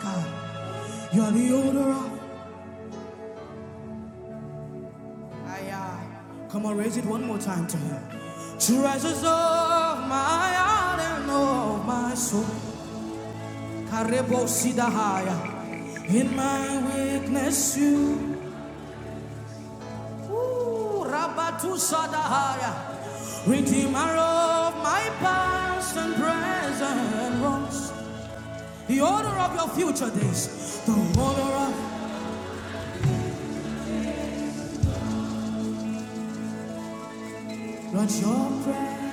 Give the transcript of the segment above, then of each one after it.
God, you're the owner of. Aye, aye. Come on, raise it one more time to Him. Treasures of my heart and of my soul. Karebo sidahaya. In my weakness, you. Ooh, Rabatu sadahaya. Redeemer of my past and present wrongs. The order of your future days. The order of. Lord, your prayer.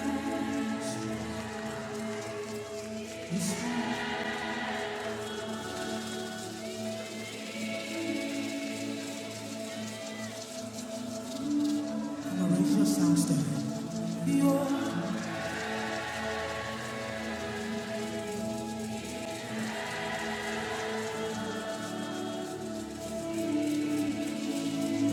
Come on, raise your sounds to The order.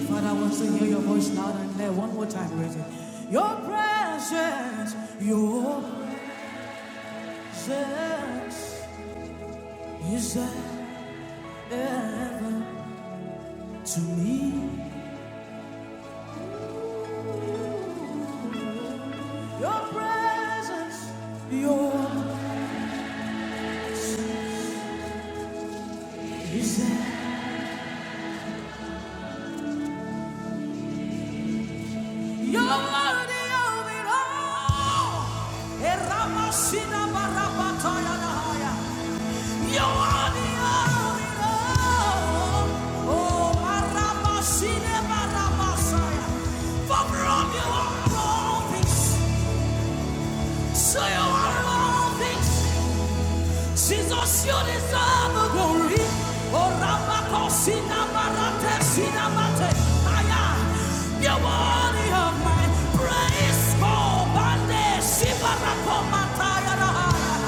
Father, I want to hear your voice loud and clear. One more time, raise it. Your presence, your presence is ever to me. Your presence, your is you worthy of it all. Jesus, you deserve the glory. Oh, Rabako, Sinabarate, Sinamate, Aya. You're worthy of my praise. Oh, Bande, Sibarako, Mataya, Rahaya.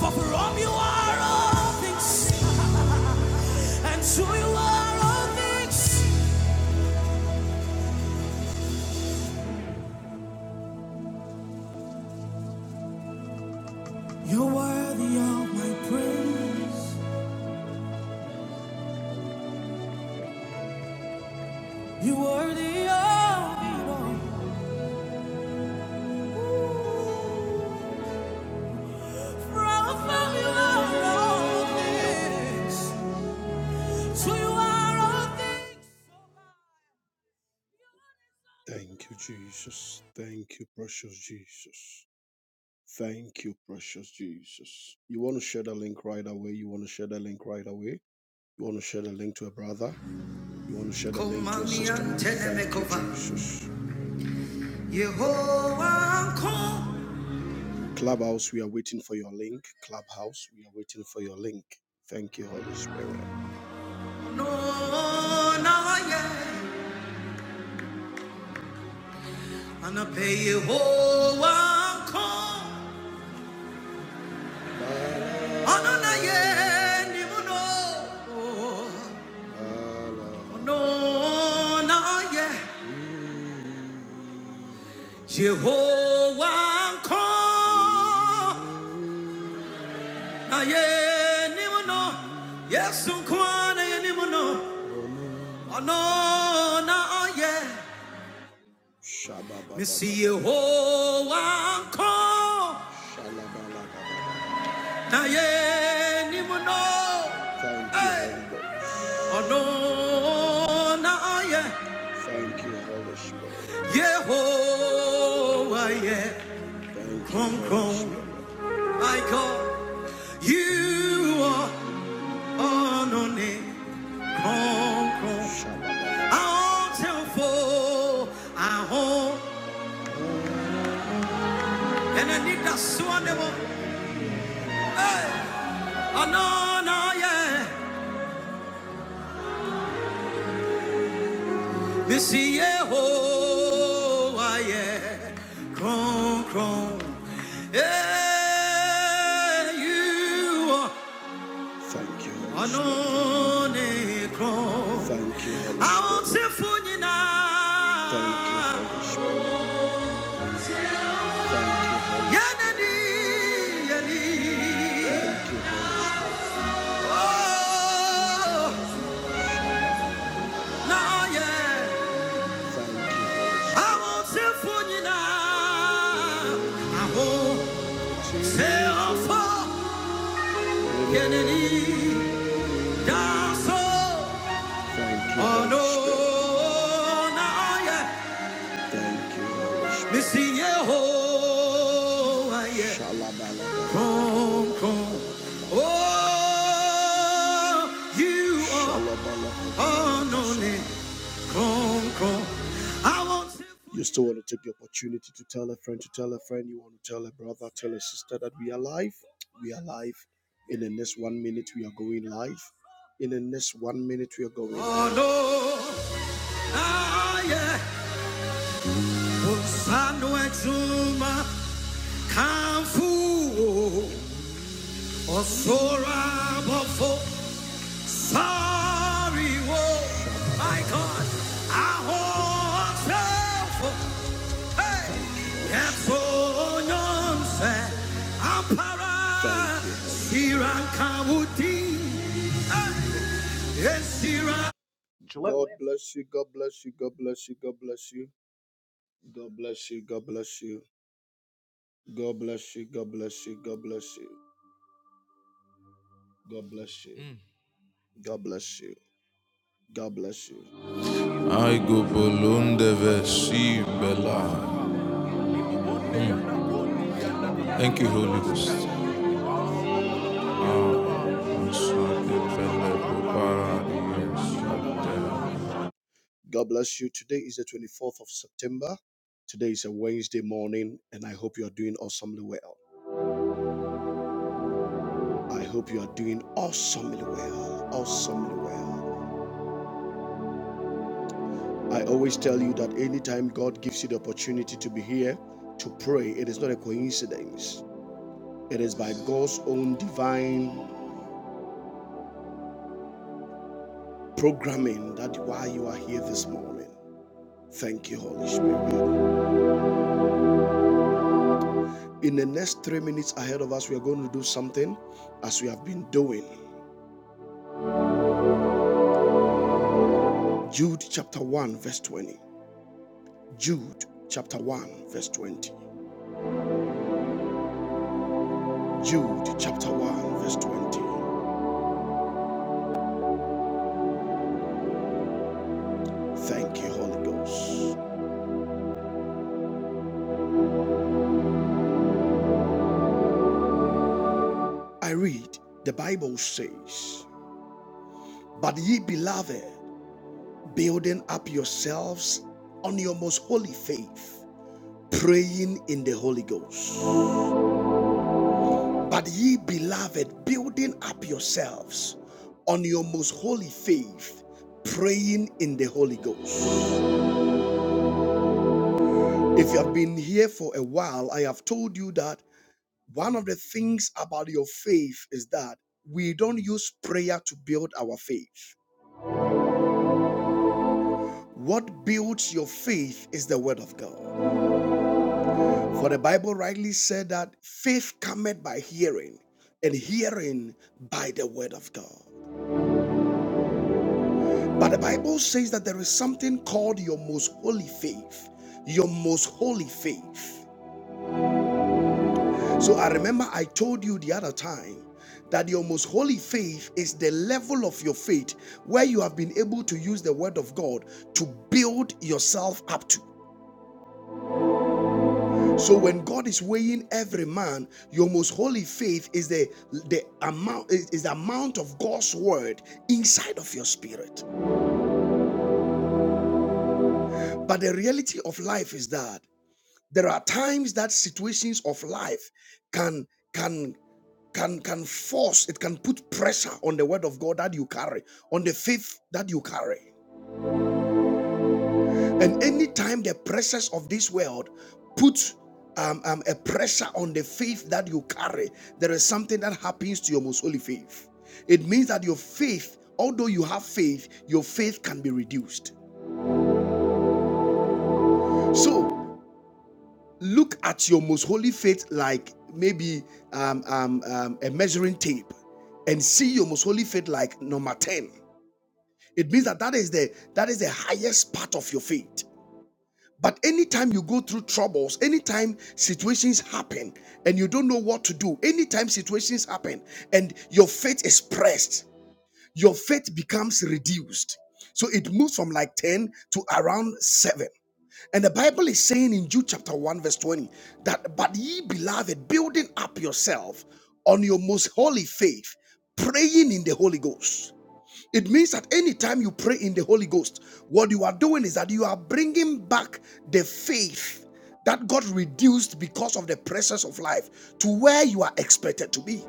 For from you are all things, and to you are all things. You're worthy of my praise. You're worthy of it all. From from you are all things, to you are all things. Thank you, Jesus. Thank you, precious Jesus. Thank you, precious Jesus. You want to share the link right away? You want to share the link right away? You want to share the link to a brother? You want to share the link to a sister? Thank you, Jesus. Clubhouse, we are waiting for your link. Clubhouse, we are waiting for your link. Thank you, Holy Spirit. No, na ye. Anape Yehowa nko. Ono na ye ni muno. Ono na ye. Jehovah ko na ye ni muno. Yesu kwa na ye ni muno. na ye. Missy Jehovah ko Shalabala. na ye ni Hey. Adonai, Thank you, Holy Spirit. Yehovah, yeah, Thank you, Kron Holy Kron, I call you are Adonai, Kron Kron. I won't tell for I will and I need that swan devil. Adonai, yeah. This yeah, cron, cron. Yeah, you are Thank you, Holy Spirit. anone cron. Thank you, Holy I won't say for you now Thank you, Holy Spirit. Thank you, Holy Spirit. Thank you, Holy Spirit. now. yeah awotefo nyinaa ahoteafo yɛnani da so ɔno na ɔyɛ mesi yehowa yɛ kronkron Oh, you are Oh, no. You still want to take the opportunity to tell a friend, to tell a friend, you want to tell a brother, tell a sister that we are live. We are live. In the next one minute, we are going live. In the next one minute, we are going live. Oh, no. Ah, yeah. Osano exuma, kamfu, osora bofo, sorry, oh. God bless you, God bless you, God bless you, God bless you, God bless you, God bless you, God bless you, God bless you, God bless you, God bless you, Mm. God bless you, God bless you. I go bolunde vesi bela. Thank you, Holy Ghost. Ah, I'm sorry, bela, bela, yes, God bless you. Today is the 24th of September. Today is a Wednesday morning, and I hope you are doing awesomely well. I hope you are doing awesomely well. Awesomely well. I always tell you that anytime God gives you the opportunity to be here to pray, it is not a coincidence. It is by God's own divine programming that why you are here this morning. Thank you, Holy Spirit. In the next three minutes ahead of us, we are going to do something as we have been doing. Jude chapter 1, verse 20. Jude chapter 1, verse 20. Jude chapter 1, verse 20. Thank you, Holy Ghost. I read, the Bible says, But ye beloved, building up yourselves on your most holy faith, praying in the Holy Ghost. But ye beloved, building up yourselves on your most holy faith, praying in the Holy Ghost. If you have been here for a while, I have told you that one of the things about your faith is that we don't use prayer to build our faith. What builds your faith is the word of God. For the Bible rightly said that faith cometh by hearing, and hearing by the word of God. But the Bible says that there is something called your most holy faith. Your most holy faith. So I remember I told you the other time that your most holy faith is the level of your faith where you have been able to use the word of God to build yourself up to. So when God is weighing every man, your most holy faith is the the amount is, is the amount of God's word inside of your spirit. But the reality of life is that There are times that situations of life can can can can force it can put pressure on the word of god that you carry on the faith that you carry and anytime the pressures of this world put um, um, a pressure on the faith that you carry there is something that happens to your most holy faith it means that your faith although you have faith your faith can be reduced So. look at your most holy faith like maybe um, um, um, a measuring tape and see your most holy faith like number 10 it means that that is the that is the highest part of your faith but anytime you go through troubles anytime situations happen and you don't know what to do anytime situations happen and your faith is pressed your faith becomes reduced so it moves from like 10 to around 7 and the Bible is saying in Jude chapter 1, verse 20, that, but ye beloved, building up yourself on your most holy faith, praying in the Holy Ghost. It means that anytime you pray in the Holy Ghost, what you are doing is that you are bringing back the faith that got reduced because of the pressures of life to where you are expected to be.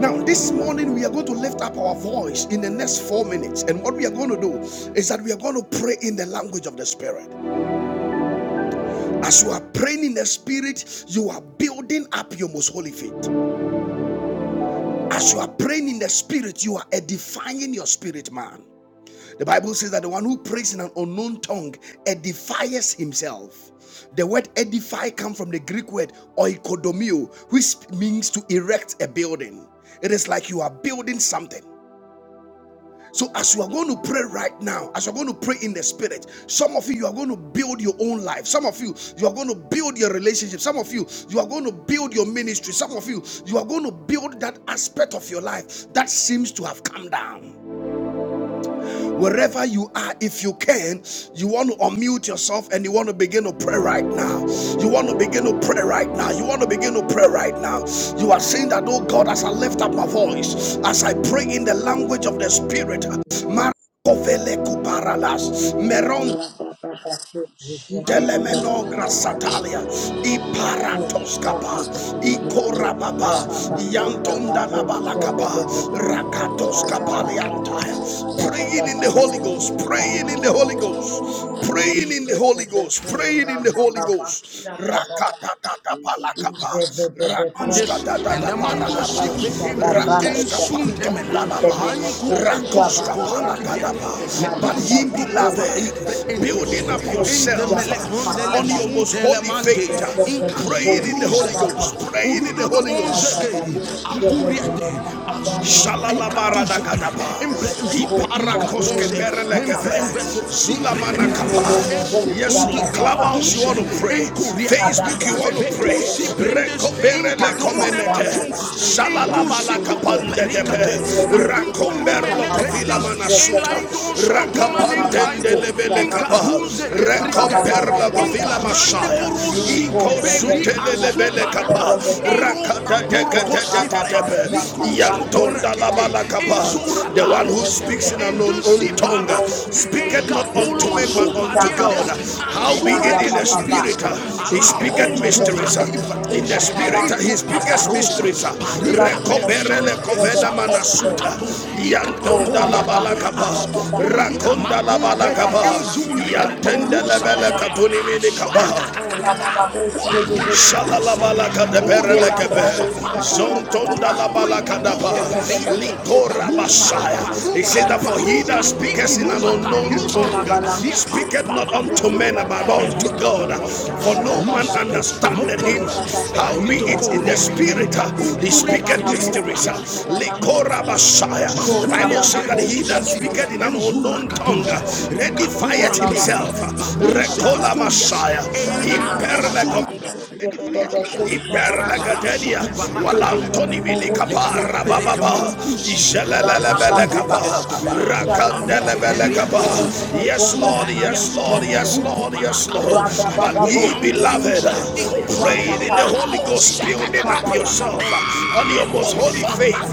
Now, this morning, we are going to lift up our voice in the next four minutes. And what we are going to do is that we are going to pray in the language of the Spirit. As you are praying in the spirit, you are building up your most holy faith. As you are praying in the spirit, you are edifying your spirit, man. The Bible says that the one who prays in an unknown tongue edifies himself. The word edify comes from the Greek word oikodomio, which means to erect a building. It is like you are building something. So, as you are going to pray right now, as you're going to pray in the spirit, some of you, you are going to build your own life. Some of you, you are going to build your relationship. Some of you, you are going to build your ministry. Some of you, you are going to build that aspect of your life that seems to have come down. Wherever you are, if you can, you want to unmute yourself and you want to begin to pray right now. You want to begin to pray right now. You want to begin to pray right now. You are saying that, oh God, as I lift up my voice, as I pray in the language of the Spirit, Mara- Rabba Telemeno grasatalia, iparatoskapa, ikorababa, yantondalabalakapa, Thank rakatoskapaliantaya. Praying in the Holy Ghost, praying in the Holy Ghost, praying in the Holy Ghost, praying in the Holy Ghost. Thank Rakatatabalakapa, Bandits and the you. rakuskatatabalakapa, secret Sunday, suntemela Rankos rankoska palagadaba but ye beloved building up yourself on your most holy faith praying in the Holy Ghost praying in the Holy Ghost Shalalabaradakadaba. Iparakoske perelegebe. Zulamanakapa. Yes, Lord. Clubhouse Clubhouse, you want to pray. Facebook, you want to pray. you. Recoberele Pasta branda comenete. basisti yansı Shalalabala bibibi. kapande Rege dinle Rakomberlo kababa kovila manasuta. basketelebe. Rababa Rakapantende kus lebele rababa. kapa. Rababa baba rakomberlo branda kovila ben. masaya. Niko Iko rebe sutele dinle kus lebele rebe kapa. beba. Rakata Rabba teke Nicola teke teke tepe. Yantonda labala. There The are no one who spirits speaks that in will an do unknown the power. tongue Speak it not speaketh not unto unto men me, but but unto unto God. God. I'll be How be it in it the in the spirit. spirit, He he speaketh speaketh mysteries. mysteries. In the In the spirit, spirit, he he speaketh speaketh mysteries. mysteries. Recommend, Recoberele covena manasuta. Yantonda la balakapa. Rakonda la balakapa. Yantende lebele Thank katuni minikapa. you. Baba One, two, Boost, three, four, Shalalabalaka de Nicola five, Berelekebe, recommend, Brando, recommend. Shabba Dabba Zontonda Dabba la Thank Kadaba. Litora Messiah. He said that for he Listen, that the speaketh in an Bahinas, unknown because I you. don't tongue know. six, he speaketh not unto men but unto God, about to for go. no man understandeth him. How be it in the We is in the spirit, uh, spirit. he speaketh We speak seven, mysteries. in Likora Messiah. The Bible says that he that speaketh in an unknown tongue redefieth eight, himself. nine, Recola ten. Messiah. Imperle Mandiri Iberlegatelia, Walantoni Minicapara Baba, Rabba Ishelelebelekapa, Rakandelebelekapa. Yes, Lord, yes, Lord, yes, Lord, yes, Lord. But we, beloved, praying in the Holy Ghost, building up yourself on your most holy faith,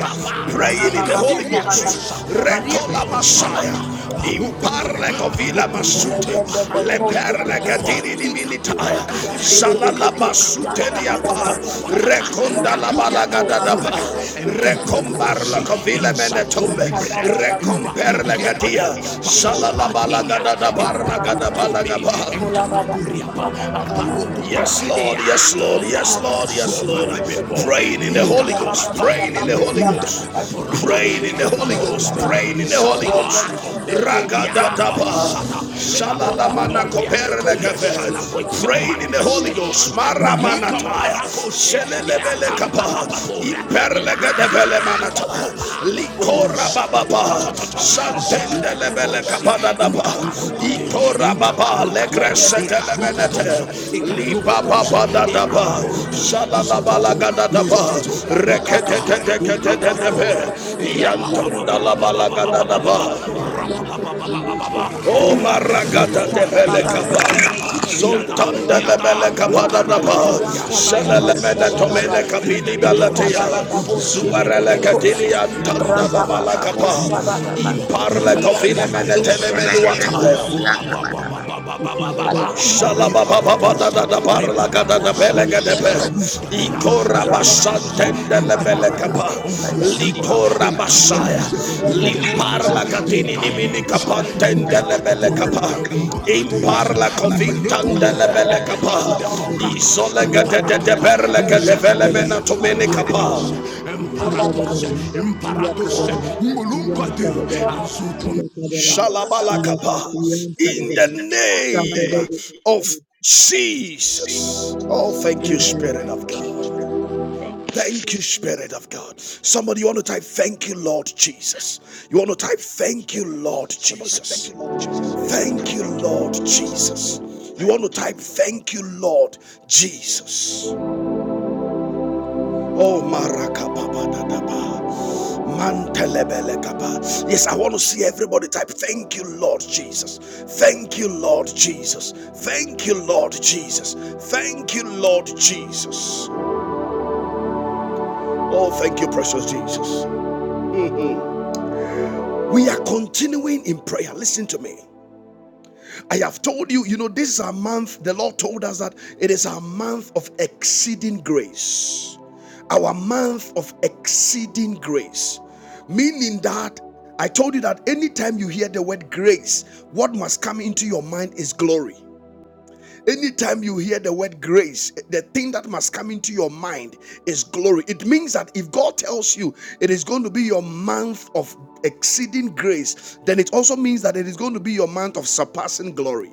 praying in the Holy Ghost. Recola Messiah. Impare kovila masute the leperle gadini limitaya shalala basute Thank liapa rekonda la balaga dadaba rekombar la kovila menetombe rekomper la gadia baba the name shalala of balaga Jesus, dadabar you. la Shabba-dabba-dabba. gadaba la spirit. gaba Mula-ba-dabba, Shabba-dabba-dabba, Yes, Yes, Lord. Lord. Shabba-dabba. Yes, Yes, Lord. Lord. Yes, Yes, Lord. Lord. Yes, Yes, Mika-dabba-dabba, Lord. Lord. Shabba-dabba. Rain Praying in in the the Holy Holy Ghost. Ghost. Praying Rain Mada-ba-dabba-dabba, in in the the Holy Holy Ghost. Ghost. Kula-ba-dabba, Praying Rain in in the the Holy Holy Ghost. Ghost. Shabba-dabba-dabba, Shabba-dabba. Rain Praying in in the the Holy Holy Ghost. Ghost. Rebe-dabba-dabba, Rakadadaba. Ragadadaba. Kosia-dabba-dabba. Shalalamana Shabba-dabba-dabba, Shabba-dabba, Shabadabadakoperakapera. koperelekefe. Praying Rain in the in Kosia-dabba-dabba. the Holy Holy Ghost. Ghost. Raga-dabba-dabba, Maramanakapaya. Maramanataya. Shabba-dabba, Kosia-dabba. Rebe-dabba, Kosia-dabba-dabba, Shelelelelekapa. Shelelebelekapa perlegedevele manata likora Kosia-dabba. Mandela baba, bababa Merelelelelelekapa. santendelebele Shabba-dabba-dabba, kapadadaba Shabba-dabba-dabba, Shabba-dabba. ikora baba Rabba Legresete Lemenete, Liba baba legresetelemenete libababadadaba shalalabalagadaaba reketeteteketetebe yantondalabalagadadaba O maragata de belekapa, zontande lebelekapa da rapa, shalalemene tomene kapidi balatea, zuarele kadili antanda la malakapa, Thank imparle you. tofile mene tele menuataya, Shalom. Ola brando shebe, Likora me Basanta and Lavelacaba, Likora Basaya, Limpar Limparla like a catini baby di In minica the one pantendele tender belle capa, Caba, in imparla Parlaca covintandele Vintanda belle capa, Lavelacaba, so isole like a gadete de tender perle gade vele menato mene capa. Lavelacaba, ola Imparados, brando imparados, mulunquate, shaba, and ola brando Shalabalakaba. Shalabalacaba, shaba. In in the the name Ram name of of Jesus. Jesus. Oh, thank you, Spirit of Amen. God. Thank you, Thank you, Spirit Jesus. of God. Somebody, you want to type, Thank you, Lord Jesus. You want to type, Thank you, Spirit of God. Lord Somebody want to thank Jesus. you, Lord Jesus. You want to Thank you, thank you, Lord Lord Jesus. Jesus. You want to Thank you, type, Lord. Thank you, Lord Jesus. Oh, marakababadadaba. Mantelebelekaba. Yes, I want to see everybody type. Thank you, Lord Jesus. Thank you, Lord Jesus. Thank you, Lord Jesus. Thank you, Lord Jesus. Oh, thank you, precious Jesus. We are continuing in prayer. Listen to me. I have told you, you know, this is our month. The Lord told us that it is our month of exceeding grace. our month of exceeding grace. Meaning that I told you that anytime you hear the word grace, what must come into your mind is glory. Anytime you hear the word grace, the thing that must come into your mind is glory. It means that if God tells you it is going to be your month of exceeding grace, then it also means that it is going to be your month of surpassing glory.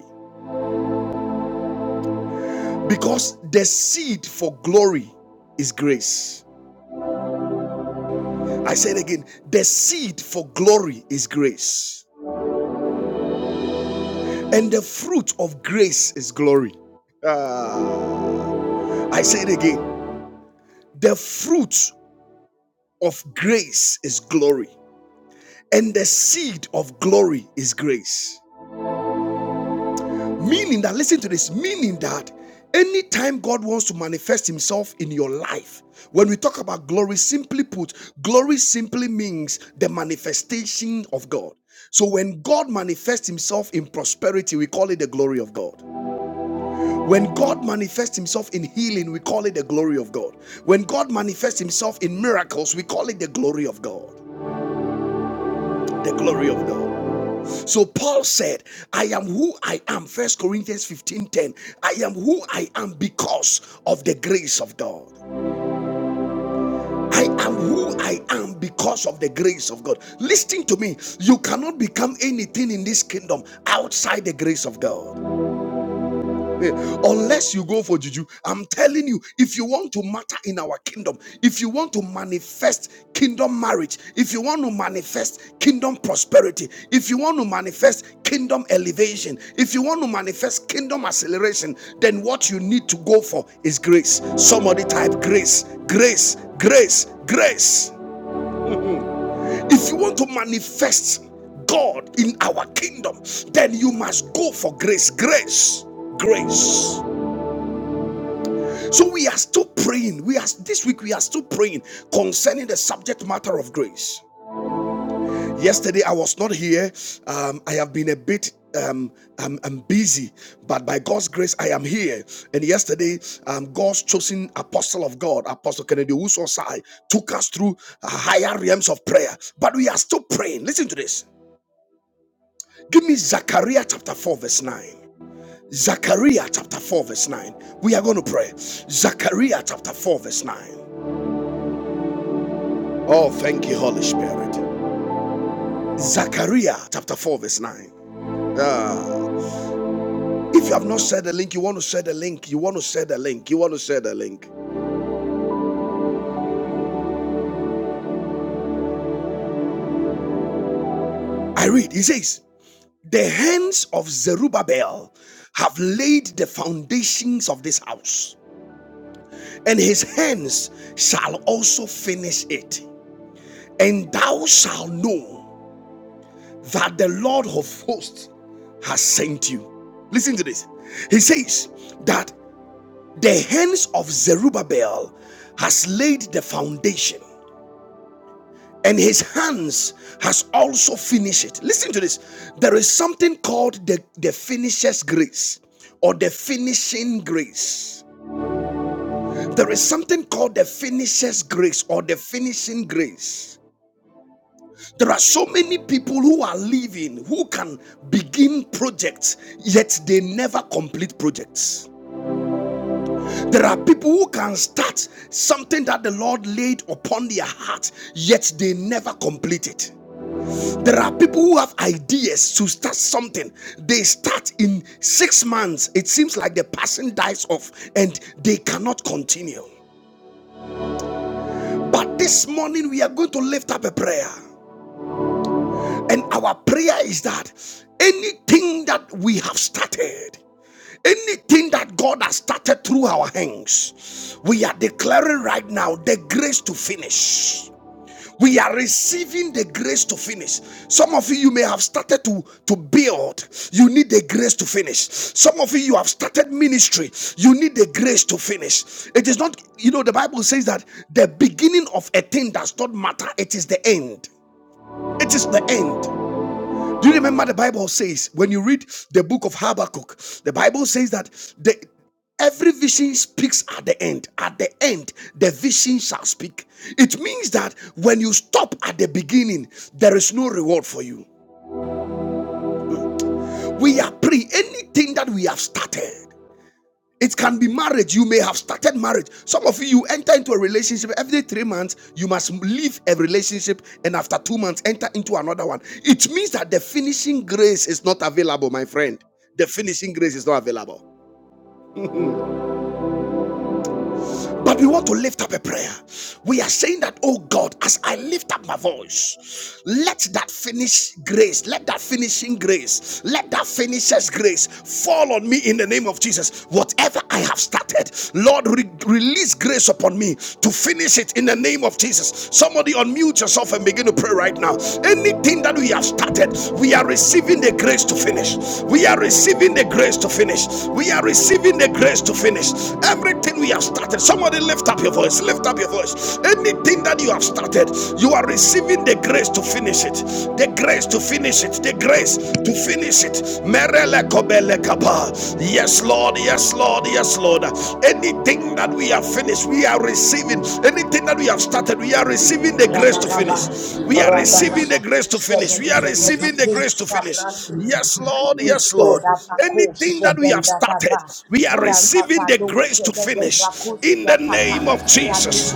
Because the seed for glory is grace. I said again, the seed for glory is grace, and the fruit of grace is glory. Ah. I said again, the fruit of grace is glory, and the seed of glory is grace. Meaning that, listen to this, meaning that anytime God wants to manifest himself in your life, when we talk about glory, simply put, glory simply means the manifestation of God. So when God manifests himself in prosperity, we call it the glory of God. When God manifests himself in healing, we call it the glory of God. When God manifests himself in miracles, we call it the glory of God. The glory of God. So Paul said, I am who I am. First Corinthians 15:10. I am who I am because of the grace of God. I am who I am because of the grace of God. Listen to me. You cannot become anything in this kingdom outside the grace of God. Eh, Unless you go for juju, I'm telling you, if you want to matter in our kingdom, if you want to manifest kingdom marriage, if you want to manifest kingdom prosperity, if you want to manifest kingdom elevation, if you want to manifest kingdom acceleration, then what you need to go for is grace. Somebody type grace, grace, grace, grace. If you want to manifest God in our kingdom, then you must go for grace, grace, grace. So we are still praying. We are this week we are still praying concerning the subject matter of grace. Yesterday I was not here. Um, I have been a bit um, I'm, I'm busy, but by God's grace I am here. And yesterday, um, God's chosen apostle of God, Apostle Kennedy Usosai, took us through uh, higher realms of prayer. But we are still praying. Listen to this. Give me Zechariah chapter four verse nine. Zechariah chapter 4, verse 9. We are going to pray. Zechariah chapter 4, verse 9. Oh, thank you, Holy Spirit. Zechariah chapter 4, verse 9. Ah, if you have not shared the link, you want to share the link, you want to share the link, you want to share the link. I read, he says, The hands of Zerubbabel have laid the foundations of this house, and his hands shall also finish it. And thou shalt know that the Lord of hosts has sent you. Listen to this. He says that The hands of Zerubbabel has laid the foundation, and his hands has also finished it. Listen to this. There is something called the, the finisher's grace or the finishing grace. There is something called the finisher's grace or the finishing grace. There are so many people who are living who can begin projects, yet they never complete projects. There are people who can start something that the Lord laid upon their heart, yet they never complete it. There are people who have ideas to start something. They start in six months. It seems like the person dies off and they cannot continue. But this morning, we are going to lift up a prayer. And our prayer is that anything that we have started, anything that God has started through our hands, we are declaring right now the grace to finish. We are receiving the grace to finish. Some of you, you may have started to, to build. You need the grace to finish. Some of you, you have started ministry. You need the grace to finish. It is not, you know, the Bible says that the beginning of a thing does not matter, it is the end. It is the end. Do you remember the Bible says when you read the book of Habakkuk, the Bible says that the every vision speaks at the end. At the end, the vision shall speak. It means that when you stop at the beginning, there is no reward for you. We are pre anything that we have started. It can be marriage. You may have started marriage. Some of you, you enter into a relationship every three months. You must leave a relationship and after two months, enter into another one. It means that the finishing grace is not available, my friend. The finishing grace is not available. But we want to lift up a prayer. We are saying that, oh God, as I lift up my voice, let that finish grace, let that finishing grace, let that finishes grace fall on me in the name of Jesus. Whatever I have started, Lord, re- release grace upon me to finish it in the name of Jesus. Somebody unmute yourself and begin to pray right now. Anything that we have started, we are receiving the grace to finish. We are receiving the grace to finish. We are receiving the grace to finish. Everything we have started, somebody lift up your voice, lift up your voice. Anything that you have started, you are receiving the grace to finish it. The grace to finish it. The grace to finish it. Merele kobele kaba. Yes, Lord. Yes, Lord. Yes, Lord. Anything that we have finished, we are receiving. Anything that we have started, we are receiving the grace to Rabababa, finish. We are Rabababa, receiving the grace Rabababa, to finish. We are receiving the grace to finish. Yes, Lord. Yes, Lord. Anything that we have started, we are receiving the grace to finish. In the name of Jesus.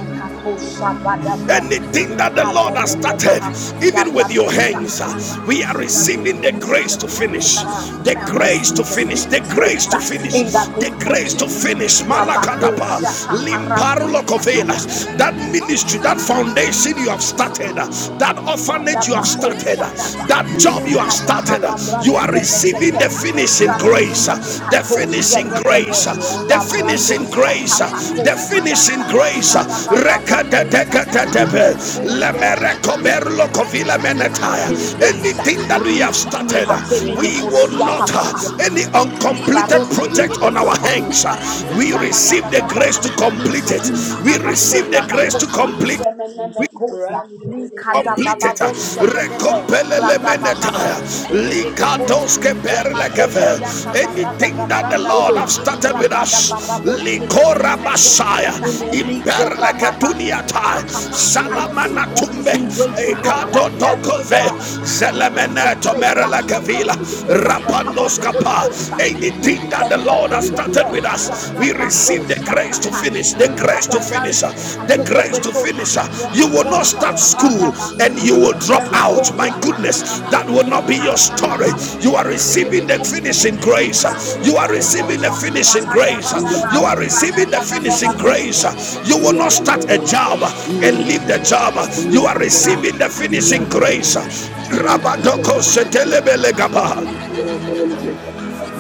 Anything that the Lika de Lord has de de started, Mahafuda even with your Bradosha. Thank hands, uh, we are In the receiving name of the grace Jesus, to anything that finish. I have, The I am grace to receiving the finish. The finishing grace grace. to uh, finish. In the The name of grace to Jesus, uh, finish. Rabako Malakadaba, Shata Paranzi Limparolokovelas. That ministry, that foundation you have started, uh, that orphanage you have Radabako started, uh, Shataba that job you have Likadaba started, uh, you Labrande are receiving the Belekete finishing grace, the Radimimikato finishing grace, Shedebe the Labrando finishing grace, Shatapako the finishing Sianta Radababako Shatapa Kosianta, grace. Radaba Babako Shapapa. Rekadekatebe, Oh Lord the finishing lemerekoberlo kovila menetaya. you. grace Anything that we have Ridini mi started, hateme we will nekosia Run, not Papa, any uncompleted Libarose project on our Bedebekata, hands. Ramano We receive the grace Shaparabadaba, to complete Lika it. Dumini We receive the Mahasoda grace to Bakosha, complete Remeneme Kosa, Lika completed Dababa Bosha Dedeve, recompelele Ragaba Baba menetaya Sude Bedebekosha, likadoske perlekefe Remakosi Anta Parada da anything that the Branda lord have Baha, started with Ragada us Baba Bosha likora Deveneme Messiah. Kosiata, Imperle ke Liko Rababa Suta imperleketuniata Papa. I salamana receive the tumbe finishing grace of God. ekado Everything that tokove I have started in good zelemeneto faith chains. merele I am kevila. merelekevila broken by the power of the Holy rapandoskapa Ghost. anything that the lord has started Rikadadadada, with us we Radabako receive the grace to Shakapa, finish, the grace Mandiri, to finish, Likadabrandi uh, the Rikatede grace to Vesota, finish. uh. You will Remeko not start Shaparanda school and you Basude, will drop Remeko out. My Shaparanda goodness, Basude. that will not be your story. You are receiving the finishing grace. uh. You are receiving the finishing grace. uh. You are receiving the finishing grace. uh. You will not start a job uh, and leave the job. uh. You are receiving the finishing grace. uh. Rabadoko setelebele gaba.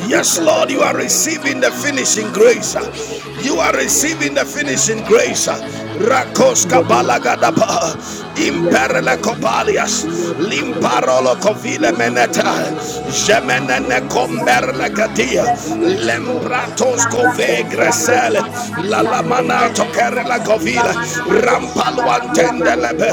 Yes, Lord, you are receiving the finishing grace. You are receiving the finishing grace. Rakoska balagadaba, imperle copalias, limparolo Around covile meneta, gemenene comberle catia, In the lembratos cove gresele, la lamana tokerla covila, rampalwan Mantendelebe,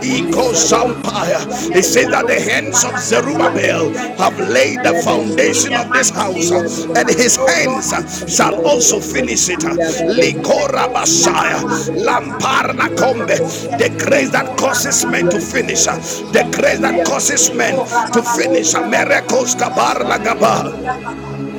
Iko Sampaya. It says that the hands of Zerubbabel have laid the foundation of this mighty house, name of uh, Jesus, and his oh Lord, the hands I uh, receive the shall also Ram finishing grace. finish it. uh. Likora Basaya, Lamparna Kombe, the grace that causes men to finish, uh, the grace that causes men Liko to finish. uh. Rababa Miracles Kabarla Gaba.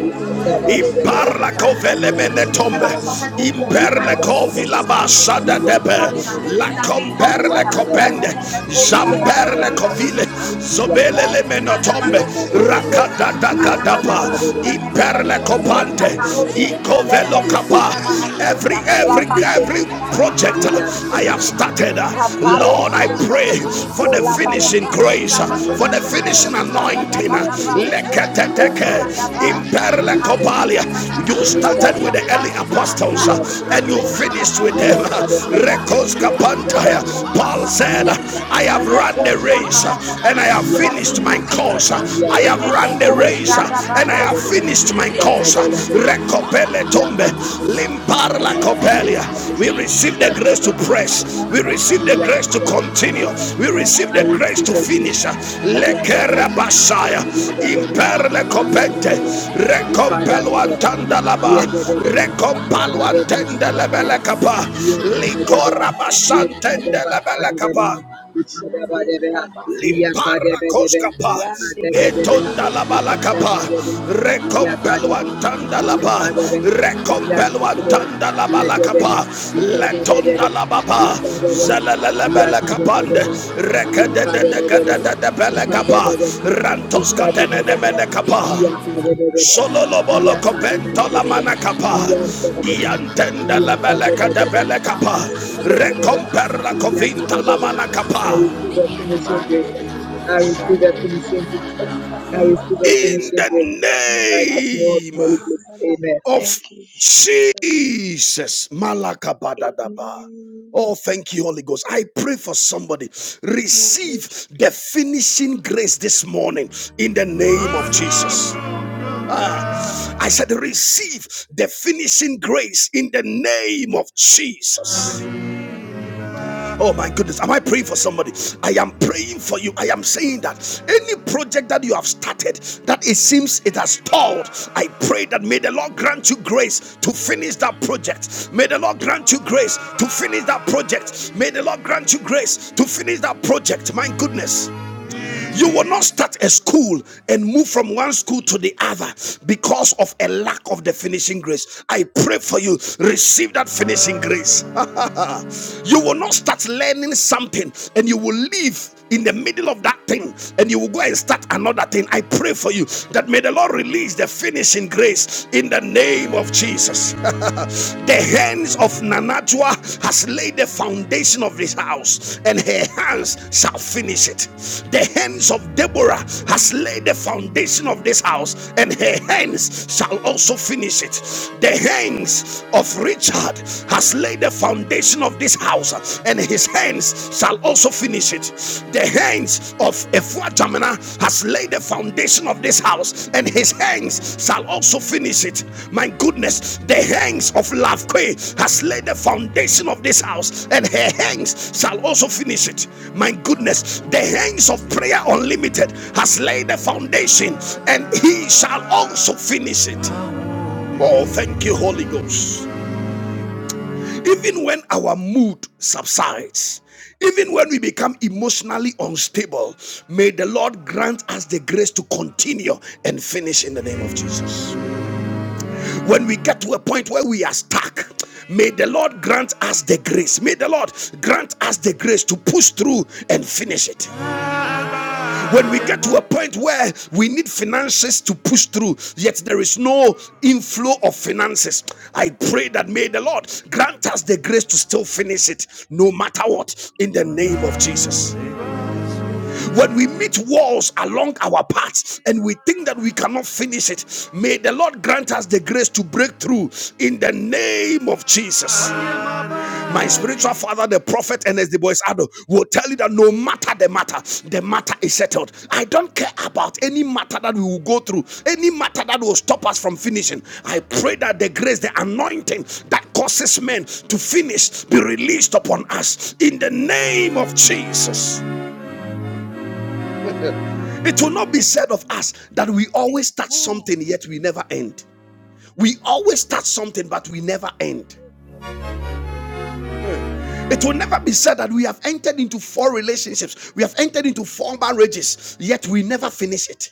Oh Lord, the finishing Imparla grace uh, as covele the relationship that menetombe. i suffered, oh God, I Imperle receive the covila finishing grace to basada enter Ram into debe. marriage uh, La in the name of Jesus. comperle uh, copende. Ramana Meko Shabana Zamperle Branda covile. Bakata, Zobele le Lika menotombe. Rakada da gadapa. Imperle copante. Icovelo capa. Every, every, May every project uh, I have started. uh, Lord, we I see pray grace for to the finish finishing grace, uh, anything that I for the want to finishing finish in my anointing. uh, life, Lord. Man, You started with the early Shandelia, man, apostles uh, and you finished with them. one uh, day, Paul Shandiria said, uh, Rabba I have run the race uh, and I have in the finished name my of Jesus, course. uh, I have women run let the go, race uh, Shada and and I Baba, have finished my course. Recopele tombe, limpar la copelia. We receive the grace to press. We receive the grace to continue. We receive the grace to finish. Lekera Mandi basaya, imperle copente, recompelo antanda laba, recompalo antende lebele kapa, likora basantende lebele kapa. Limpara koskapa, Shandelia metonda la balakapa, recompeluantanda la ba, Ram recompeluantanda la balakapa, letonda la baba, zelelelebele kapande, rekedededededebele kapa, rantoskatenene kapa. Sololobolo kopento la manakapa. Iantenda la beleka de belekapa. Recomper la covinta la manakapa. in the name Thank of you, Jesus. Jesus. Malakabadadaba. Amen. Oh, thank you, Holy Ghost. I pray for somebody. Thank you, Receive the finishing grace this morning in the name of Jesus. Ah, I said, receive the finishing grace in the name of Jesus. Oh my goodness, am I praying for somebody? I am praying for you. I am saying that any project that you have started that it seems it has stalled, I pray that may the Lord grant you grace to finish that project. May the Lord grant you grace to finish that project. May the Lord grant you grace to finish that project. My goodness, you will not start a school and move from one school to the other because of a lack of the finishing grace. I pray for you, receive that finishing grace. You will not start learning something and you will leave in the middle of that thing and you will go and start another thing. I pray for you that may the Lord release the finishing grace in the name of Jesus. the hands of Nanajua has laid the foundation of this house and her hands shall finish it. The hands of Deborah has laid the foundation of this house and her hands shall also finish it. The hands of Richard has laid the foundation of this house, and his hands shall also finish it. The hands of Efua has laid the foundation of this house, and his hands shall also finish it. My goodness, the hands of Lavque has laid the foundation of this house, and her hands shall also finish it. My goodness, the hands of Prayer Unlimited has laid the foundation, and he shall also finish it. Oh, thank you, Holy Ghost. Even when our mood subsides, even when we become emotionally unstable, may the Lord grant us the grace to continue and finish in the name of Jesus. When we get to a point where we are stuck, may the Lord grant us the grace. May the Lord grant us the grace to push through and finish it. When we get to a point where we need finances to push through, yet there is no inflow of finances, I pray that may the Lord grant us the grace to still finish it no matter what in the name of Jesus. When we meet walls along our paths and we think that we cannot finish it, may the Lord grant us the grace to break through in the name of Jesus. My spiritual father, the prophet Ernest the Boys Ado, will tell you that no matter the matter, the matter is settled. I don't care about any matter that we will go through, any matter that will stop us from finishing. I pray that the grace, the anointing that causes men to finish be released upon us in the name of Jesus. It will not be said of us that we always start something, yet we never end. We always start something, but we never end. It will never be said that we have entered into four relationships, we have entered into four marriages, yet we never finish it.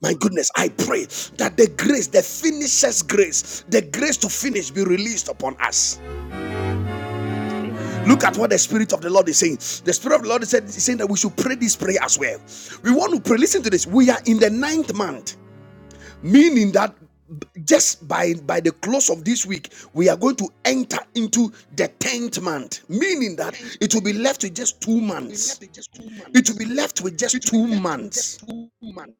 My goodness, I pray that the grace, the finishes grace, the grace to finish be released upon us. Look at what the Spirit of the Lord is saying. The Spirit of the Lord is saying is saying that we should pray this prayer as well. We want to pray. Listen to this. We are in the ninth month. meaning that just by by the close of this week we are going to enter into the 10th month meaning that Thank you, it will be Lord. left with just two will be left months with just two it will months. be left with just It will two be left with just months two months.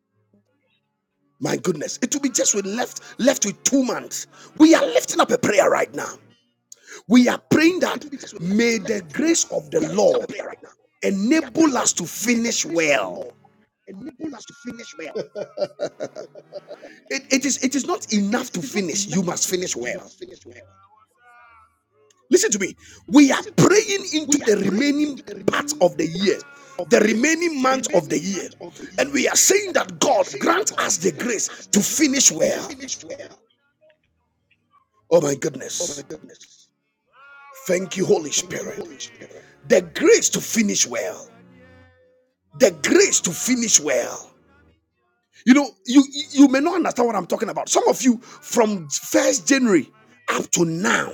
my goodness it will be just with left left with two months we are lifting up a prayer right now we are praying Goodness. It that will be just left, may left the with two grace months. of the We are lifting up a lord prayer right now. We are praying enable that us to may the finish grace of the well Lord enable us to finish well. it it is it is not It it enough is, to it is not finish you enough to must finish. finish You well must finish well. Listen to me. We are Listen to me. praying into We are the praying remaining into the part remaining of the part year, of the the year, remaining the month of the remaining year. month of the year. And we are saying that We are God saying that grant God us the grant grace us to the grace finish to well. finish well. Oh my Oh my goodness. goodness. Thank you, Holy Thank you, Spirit. Holy Spirit. The grace to finish well. The grace to finish well. You know, you you may not understand what I'm talking about. Some of you from first January up to now,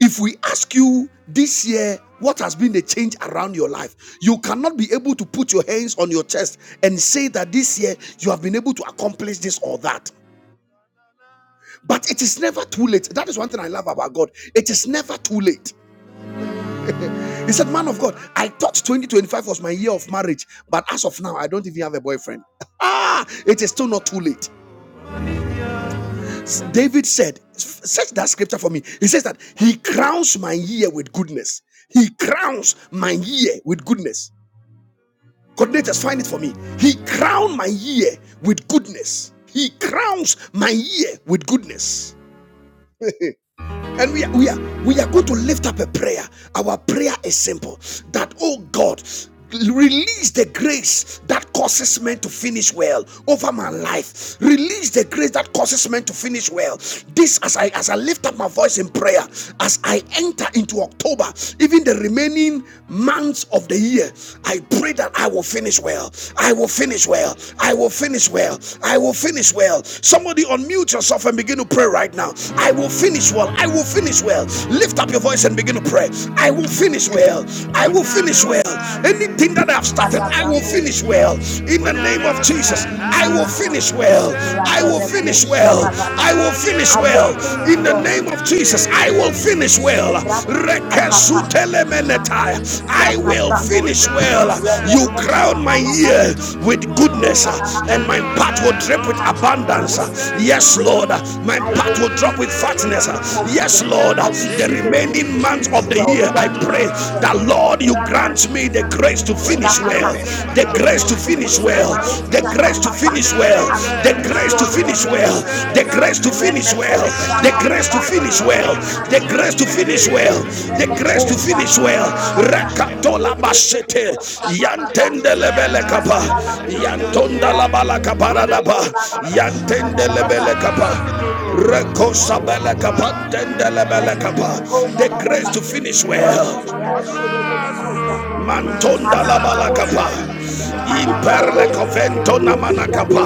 If we ask you this year, what has been the change around your life? You cannot be able to put your hands on your chest and say that this year you have been able to accomplish this or that. But it is never too late. That is one thing I love about God. It is never too late. He said, Man of God, I thought 2025 was my year of marriage, but as of now, I don't even have a boyfriend. Ah, it is still not too late. David said, Search that scripture for me. He says that he crowns my year with goodness. He crowns my year with goodness. Coordinators, find it for me. He crowned my year with goodness. He crowns my year with goodness. And we are, we are we are going to lift up a prayer. Our prayer is simple that oh God Release the grace that causes men to finish well over my life. Release the grace that causes men to finish well. This, as I as I lift up my voice in prayer, as I enter into October, even the remaining months of the year, I pray that I will finish well. I will finish well finish well. I will finish well. I will finish well. Somebody unmute yourself and begin to pray right now. I will finish well. I will finish well. Lift up your voice and begin to pray. I will finish well. I will finish well. Anything that I've started, I will Kadabrando, finish well. In the name of Jesus, Kodini I will Mata, finish well. I will Radebeko, finish well. Shaba I Baba. will finish I will well. finish In the God in the name name of of Jesus, I will Jesus. finish well. Shebradini Katapa, Mako, Rekesutelemenetai. Tia I will Tabrando, finish well. You Rebeko, crown my Shaba Baba, year with Rebeko, goodness, and my Radababosha. path will drip with abundance. Yes, Lord, my I will path will finish drop with well in the fatness. name of Yes, Jesus. Lord, I Jesus. the receive the grace remaining to months finish of the well year, in I the name pray of Jesus. that Lord, you grant Ragadimi me the grace to kadebeno Lord, finish the well, shapapa. remaining months the It of the is grace year, to not I too pray finish late. that well, Lord, Baro you the grant me grace the to grace shapapapa. to finish finish well well, well, I will the the grace to finish grace to finish well in well, the finish the name grace to well, of finish the well, Jesus. the grace to grace to finish finish well, Remeko well, the grace to the finish grace to shapapapa. well, finish Round the well, grace to the Likadimi finish grace to well, finish nihateya. the well, grace to the finish Rebeko grace to well, finish the shadimi well. grace to mamasa. finish well. Rakatola Rekete bashete, nebo shapapapa. yantende lebele kapa, Likadabala boshkelema. yantonda la bala kapara daba, Rikada yantende lebele kapa. Mountain Rekosa bele kapa, tende lebele kapa. The grace to The finish grace to well. finish well. Mantonda la balakapa. Imperle coventona manakapa.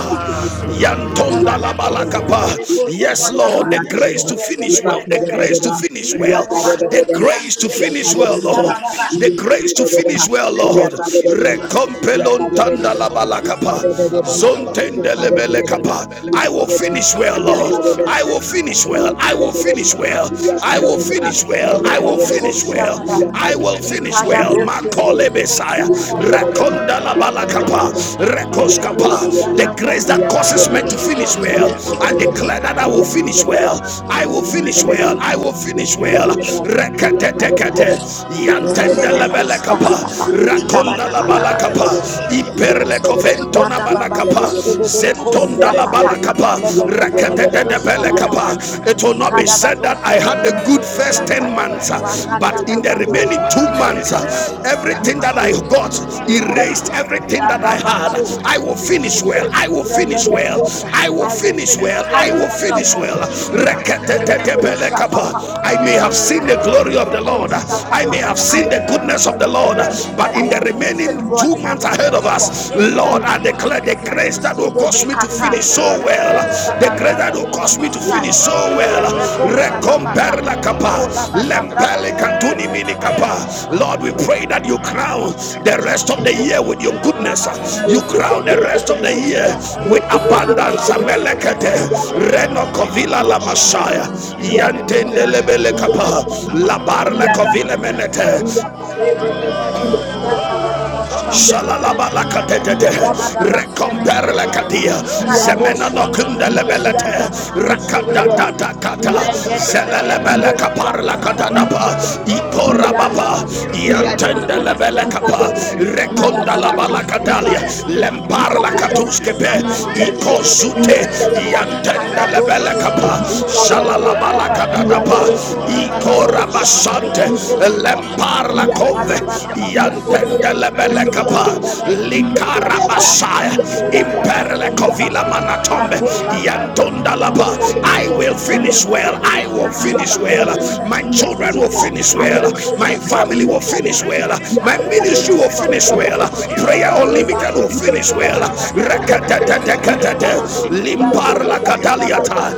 Yantonda la Yes, balakapa. Yes, Lord, the grace Lord, to the finish grace well. The to finish grace to well, the finish grace to well. finish The well, grace to the Thank finish well, Lord. finish The grace well, to Lord, finish well, the Lord. grace to finish well, Lord. Recompelon tanda la So balakapa. Zontende lebele kapa. I will finish I well, will Lord. finish well. I will finish well. I I will will finish finish well. I well. will finish I will will well. I will finish well. finish I well. will I will finish finish well. well. I will I will finish finish well. well. My God, Makole Messiah. I Rikada la Rekonda la balakapa. Emekosi Rekoskapa. The atapa. grace that that I causes will causes me men to you. finish you finish finish in the well. name well. of I I Holy Jesus. declare that Spirit, I will will dwell finish in finish well. the well. name I I of will will finish finish Jesus. well. well. I I will will finish finish well. well. Rekete tekete. I Yantende lebele kapa. rekonda la balakapa. Imperle covento na manakapa. Zentonda la balakapa. Rakadadadabelekapa. It will not be said that I had a good He first 10 that I months, uh, had a good but first in 10 the months, remaining but two in the remaining months, uh, two months, everything everything that that I I got, got erased, everything everything that that I I had, had. I I will will finish finish well. well. I I will will finish finish well. well. I I will will will finish finish well. well. finish I well I will in will the finish name finish well. of well. Jesus. Thank Mekusha papa, Rakadadadabelekapa. I I may may have have seen seen the the glory glory of of the the Lord. Lord. Ikadebedebekosha I I may may papa. have have I seen seen the the goodness decree goodness of of the and the Lord, Lord, declare but but that I in in the the am remaining remaining finishing well two two and I months months will ahead ahead of of finish us, well us, in Lord, the Lord, I I name of declare declare the the Jesus. grace grace that that God will cause cause me me to to finish Shedebekata, so finish well. The so prayer well. Remekosha The grace that that will barandi will cause mini cause me me to to finish finish masaya, so so well. well. Izebrekosha baba. Recompare la Rekobarakaba, capa. Likola Lempele badabrandose, cantuni mini lambalekatulibirikaba. capa. Likadini Lord, we Lord, we pray pray that kateremosha you that you bababa, crown the crown the rest of rest the of the year year with with your your good Remekola goodness. this. You You badamosia, crown crown the the rest rest of of the the year year Zebedebekosiata, with with the abundance abundance. of Melekete. Amelekete. Rebalabadosebedene, Reno Rekokopila kovila la lamashaya. Messiah. Yantende lebele Yampendelebelekaba. capa. La bar la kovile Labarakopilebelete. menete. Rebelenerosia baba. Shalalabalakatete, Rabadaba shebedebe. recomperlekatia, Nikadabo shebedebe kosiyanta zemenanokundelemelete, banamo shebedeba. rakadadadakata, Legedebe neme kosiyanta baraba. zelelebelekaparlakadadapa, Lianda ikorababa, bado shebeme Rababa. makosiyanta. iantendelebelekapa, Nikadabadabo rekondalabalakadalia, shebedebe. Likando lemparlakatuskepe, shebala masunde you. bebe bosha. ikozute, Likadabo yantendelebelekapa shebedebe makosiyanta baraba. shalalabalakadadapa Leko Thank labana mosiyante ikorabasante bebe you. kosiyanta. lemparla konve Kadababa babo shebeme yantendelebelekapa kosiyanta baraba. likarabasaya Mianda Thank you Masto talking about imperlekovila Nabaha, manatombe naturally. Rako Yeah, don't Labrando know about- yantondalapa Siante I I will Beko will finish Sianta, finish well. I well will I Hallelujah. Lika will finish finish well. Baba. well My In the my name children of children will will We Jesus, finish thank finish well. I you well. will for My My finish family the well. will family In the will finish name finish well. of well. Jesus, My My uh, I will ministry I ministry will will finish finish well. In finish well. the continue to well. name of Prayer Jesus, praise Prayer only the name will Unlimited will Rebaro of finish finish well. well. We will Jesus. Shedemekata, uh, In finish the Remeko well. name of We Namanamo will Jesus, Siante Bebo hallelujah. Shabanaba,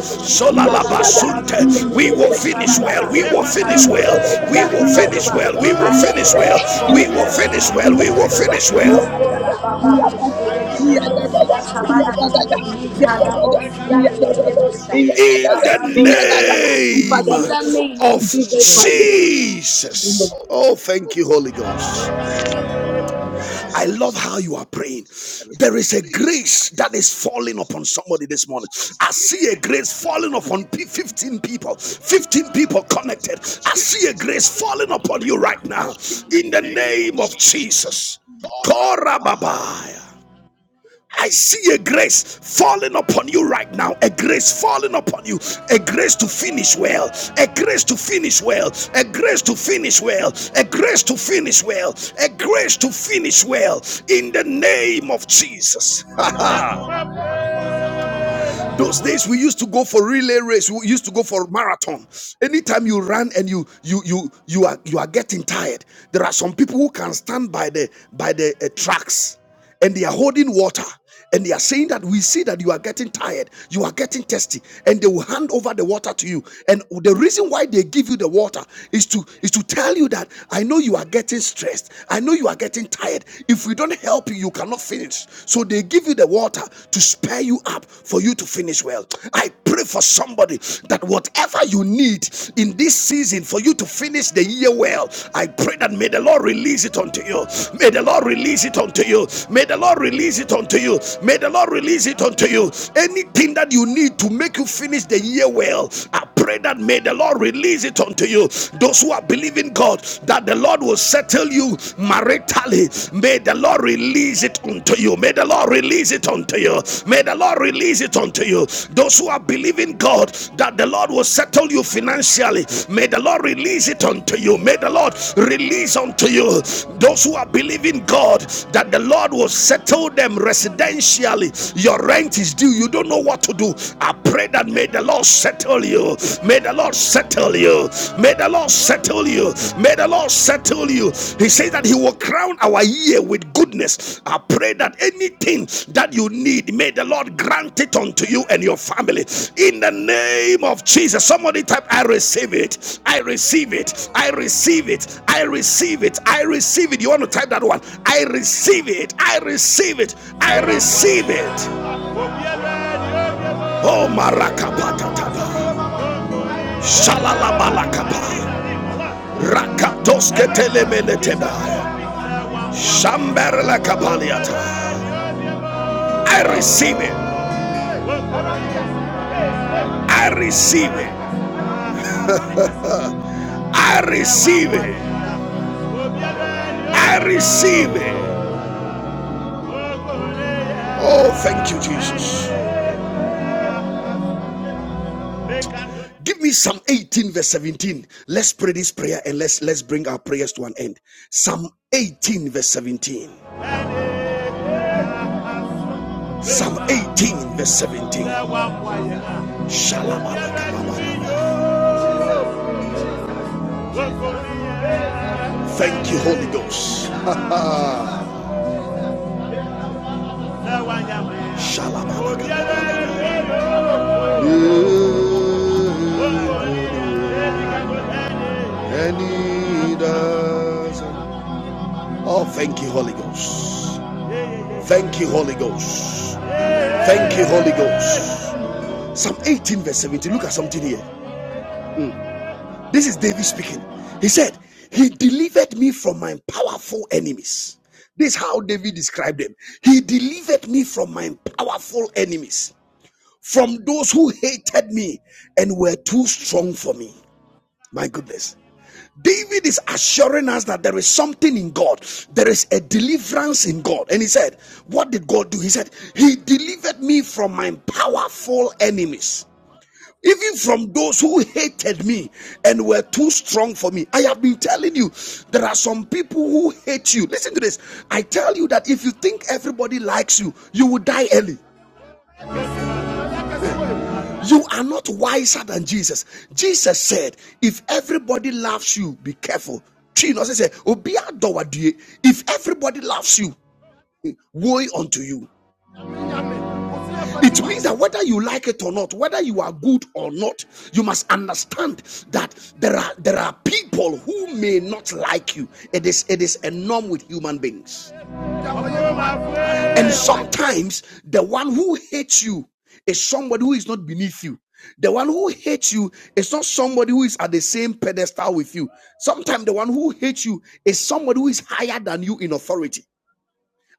May Lika Father, Nabanaba Sunde We will Bebo finish finish well. We well. Shabanaba, We will will finish finish well. Son, well. Kadabado We will We will finish well. finish We Yakabanama. well. will We will finish I will finish well. finish well We in will the name well. finish We of well. will We Jesus. will finish uh, finish well. well Roko da ba ba bo she de ne me ko si ya ta ba da ba. Li ka da bo si ya te de de bo sha. in in La the the name brando she de ne ma. name In the of name of of Jesus. Jesus. Jesus. Oh, Oh, thank you, thank Holy you, Holy Ghost. Ghost. Thank you, I I love love Jesus. how how you are praying. there is There a is a grace that grace that is is falling upon falling us upon in this somebody this place. morning. I I see a see a grace grace falling upon falling me, upon 15 15 people. people, 15 15 people people connected. connected. I I see a see a grace grace falling falling upon you upon right you now right now in the in the name of name of Jesus. Jesus. Lord, Korababaya. I I see see a grace falling upon you right now. A grace falling upon you. A grace to finish well. A grace to finish well. A grace to finish well. A grace to finish well. A grace to finish well. In the name of Jesus. Those days we used to go for relay race, we used to go for marathon. Anytime you run and you you you you are you are getting tired, there are some people who can stand by the by the uh, tracks and they are holding water and they are saying that we see that you are getting tired, you are getting thirsty, and they will hand over the water to you. And the reason why they give you the water is to is to tell you that I know you are getting stressed, I know you are getting tired. If we don't help you, you you cannot finish. So they give you the water to spare you up for you to finish well. I pray for somebody that whatever you need in this season for you to finish the year well, I pray that may the Lord release it unto you. May the Lord release it unto you. May the Lord release it unto you. May the Lord release it unto you. Anything that you need to make you finish the year well, I pray that may the Lord release it unto you. Those who are believing God that the Lord will settle you maritally. May the Lord release it unto you. May the Lord release it unto you. May the Lord release it unto you. Those who are believing God that the Lord will settle you financially, may the Lord release it unto you. May the Lord release unto you. Those who are believing God that the Lord will settle them residentially, your rent is due. You don't know what to do. I pray that may the Lord settle you. May the Lord settle you. May the Lord settle you. May the Lord settle you. He says that He will crown our year with goodness. I pray that anything that you need, may the Lord grant it unto you and your family. In the name of Jesus. Somebody type, I receive it. I receive it. I receive it. I receive it. I receive it. You want to type that one? I receive it. I receive it. I receive it. Oh, Marakapatata. Shalalabalakapa. Rakatoske telemeleteba. Shamberla kapaliata. I receive it. I receive it. I receive it. I receive it. Oh, thank you, Jesus. Give me Psalm 18, verse 17. Let's pray this prayer and let's let's bring our prayers to an end. Psalm 18, verse 17. Psalm 18, verse 17. Shalom. Thank you, Holy Ghost. Shalom. Oh, thank you, Holy Ghost. Thank you, Holy Ghost. Thank you, Holy Ghost. Psalm 18, verse 17. Look at something here. This is David speaking. He said, He delivered me from my powerful enemies. This is how David described them. He delivered me from my powerful enemies. from those who hated me and were too strong for me. My goodness. David is assuring us that there is something in God. There is a deliverance in God. And he said, What did God do? He said, He delivered me from my powerful enemies, even from those who hated me and were too strong for me. I have been telling you, there are some people who hate you. Listen to this. I tell you that if you think everybody likes you, you will die early. You are not wiser than Jesus. Jesus said, if everybody loves you, be careful. Three nurses said, "Obi adowa die." If everybody loves you, woe unto you. It means that whether you like it or not, whether you are good or not, you must understand that there are there are people who may not like you. It is it is a norm with human beings. And sometimes the one who hates you is somebody who is not beneath you. The one who hates you is not somebody who is at the same pedestal with you. Sometimes the one who hates you is somebody who is higher than you in authority.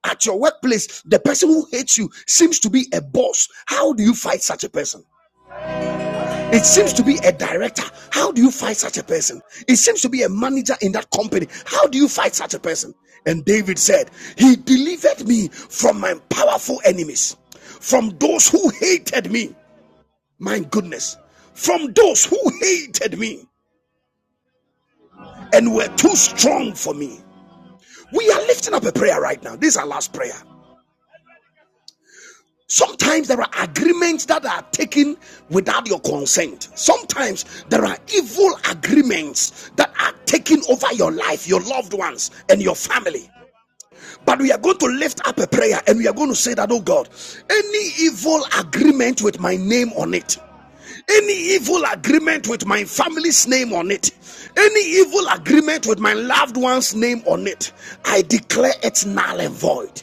At your workplace, the person who hates you seems to be a boss. How do you fight such a person? It seems to be a director. How do you fight such a person? It seems to be a manager in that company. How do you fight such a person? And David said, He delivered me from my powerful enemies, from those who hated me. My goodness, from those who hated me and were too strong for me. We are lifting up a prayer right now. This is our last prayer. Sometimes there are agreements that are taken without your consent. Sometimes there are evil agreements that are taken over your life, your loved ones, and your family. But we are going to lift up a prayer and we are going to say that, oh God, any evil agreement with my name on it, any evil agreement with my family's name on it, any evil agreement with my loved one's name on it, I declare it null and void.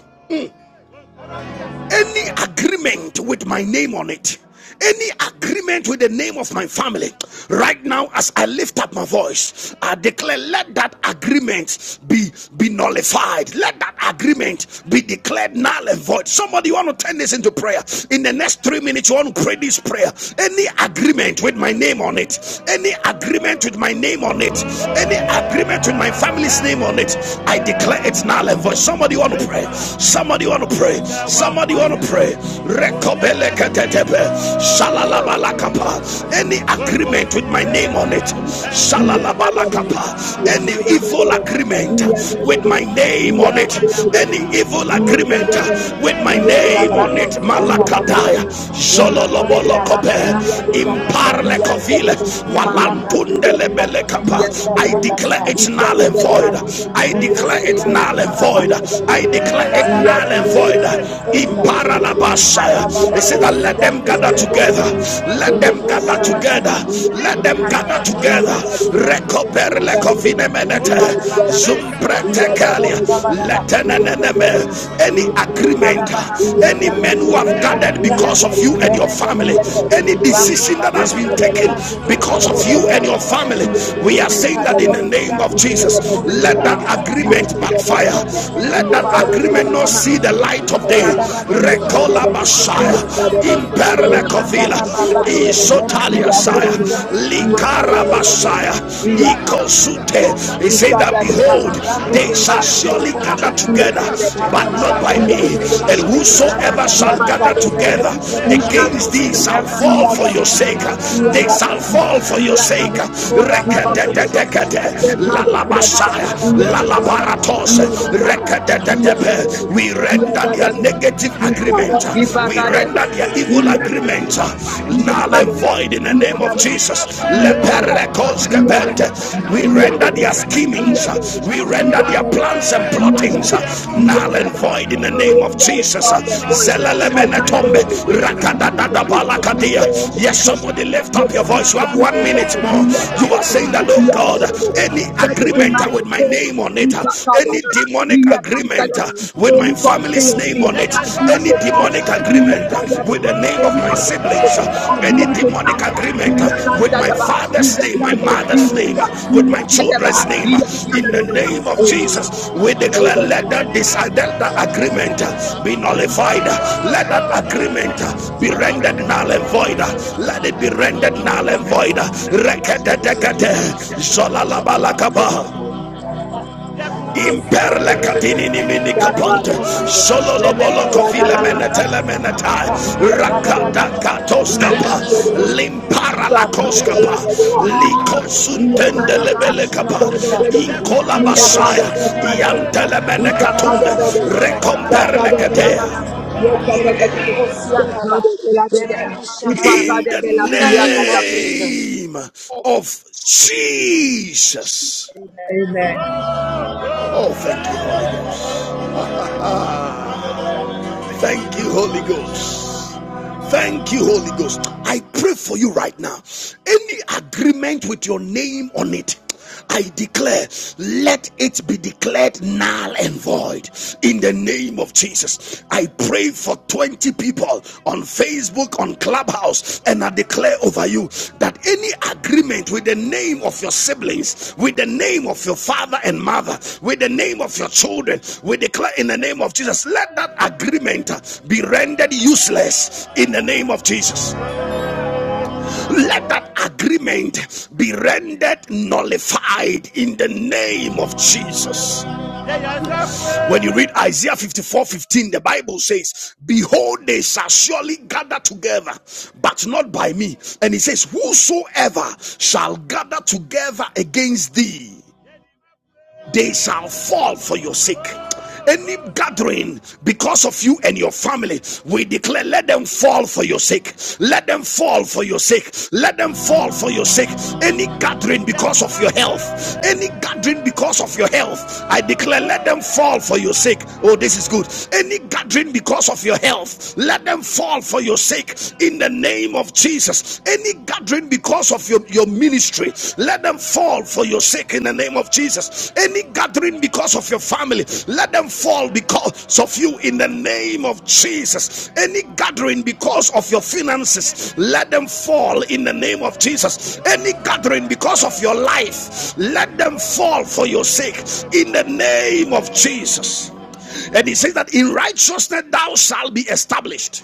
Any agreement with my name on it, any agreement with the name of my family, right now, as I lift up my voice, I declare, let that agreement be, be nullified. Let that agreement be declared null and void. Somebody, you want to turn this into prayer. In the next three minutes, you want to pray this prayer. Any agreement with my name on it, any agreement with my name on it, any agreement with my family's name on it, I declare it's null and void. Somebody, you want to pray. Somebody, you want to pray. Somebody want to pray. Rekobelekatetepe. Shalalabalakapa. Any agreement with my name on it. Shalalabalakapa. Any evil agreement with my name on it. Any evil agreement with my Ola name on it. brando sia tabadaba. Malakadaya. Remeko Zololobolokope. shabada brandi nikata brando se. Imparlekovile. Ima laka bini nikate Walantundelebelekapa. brando sia I branda declare sai. it null and Rika void. debe de I moko declare it sia null and kaparaba. void. I Rika declare it daba da null and brando void. dini nikosa. Rika Imparalabasaya. daba It says babo that let sia them tebe gather de together. bosa. Let Kele them gather bosa together. badaba. Let them Rika gather daba daba together. dosi yante de de Recover bosa. lecovine menete. Rika daba daba dosi yante de de Zumpretecalia. bosa badaba. Let an enemy. Any agreement. Rekada baba Any men who have gathered because of you and your family. Any decision that has been taken because of you and your family. We are saying that in the name of Jesus. Let that agreement backfire let that agreement not see the light of day. Recola fire. Messiah, Imperle Covila, I see the ba, light. of the remene Isotalia me Saya, kosi de de mahasu de Likara de Messiah, bosa, Ikosute. He said that behold, Ricadabrando they shall siante de Lord. surely because. debosa. gather together, today. but He said not that by behold, Ricadababosque me. de they nema. shall And surely gather together whosoever shall and Rabadabrande not de by gather me. And together debecosque de whosoever shall neme. gather against thee together shall Yanda fall for your against bacusiante thee, sake. de They debosa shall badaba. fall for your they sake. Ora shall fall Rekete, for your bababosque sake. We render the telebe. la la Messiah, la Ricadabababosa la badaba. us. Yanda bababosque de We debosa render their badaba. negative agreement. Ricadabababosa We de Ipakadero. render their debosa evil agreement. evil agreements Null and void in the name of void Jesus. in the name that the We Lord. render We their render the schemings. We agreements, render their plans and their plans and plottings. plottings, null Null and and void in the void. name of name Jesus. of Jesus. Zelelemene pobre. Rakatakabalakatia. Yes, Yes, somebody somebody lift lift up your up voice. You have one minute more. your You are hands. saying that, oh You are God, saying that God any has taken the agreement privilege with my name name on it, of any your demonic agreement with my family's name on it, family's any name on it. demonic Any demonic agreement agreement with the with name the of my name of the siblings, Savior. any Any demonic demonic agreement agreement with the with my father's name, my mother's Savior's name, name, with with my my children's name, children's name, Bababosque in in de the the name name of of debosa Jesus. Jesus, badaba. we We declare declare let let that, the dis- let Ricadabababosa that Baba. agreement agreement Bosca be be Baba, nullified, nullified. let Let the that agreement agreement be be In rendered rendered null null the and and void, void. let it be rendered null and void. avoid us. Rekete dekete, zola Rekedekede, zolalabalakaba. Imperle katinini mini name kaponte of Jesus, solo lobolo Remeko kofile Shabala menetele Brandi meneta Makataba, Radada rakata katoskapa limpara la koskapa Badaba, likosuntende Ola bande lebele de la kapa mosha, inkola liande de de de basaya serenene, iantele mene linkara katunde da da mosha banama, rekomperle ramana katea mosha de de de kosianta ba, remeno shaba da ba. in the In the name of In Jesus. name of of Jesus. Jesus. Amen. Oh, thank you, Holy Thank you, Thank you, Holy Holy Ghost. Ghost. Thank you, Holy Ghost. I pray for you right now. Any agreement with your name on it. I declare, let it be declared null and void in the name of Jesus. I pray for 20 people on Facebook, on Clubhouse, and I declare over you that any agreement with the name of your siblings, with the name of your father and mother, with the name of your children, we declare in the name of Jesus, let that agreement be rendered useless in the name of Jesus. Let that agreement be rendered nullified in the name of Jesus. When you read Isaiah 54:15, the Bible says, Behold, they shall surely gather together, but not by me. And it says, Whosoever shall gather together against thee they shall fall for your sake. Any gathering because of you and your family, we declare, let them fall for your sake. Let them fall for your sake. Let them fall for your sake. Any gathering because of your health, any gathering because of your health, I declare, let them fall for your sake. Oh, this is good. Any gathering because of your health, let them fall for your sake in the name of Jesus. Any gathering because of purpose of your, your ministry, let them fall for your sake in the name of Jesus. Any gathering because of your family, let them fall because of you in the name of Jesus. Any gathering because of your finances, let them fall in the name of Jesus. Any gathering because of your life, let them fall for your sake in the name of Jesus. And he says that in righteousness thou shalt be established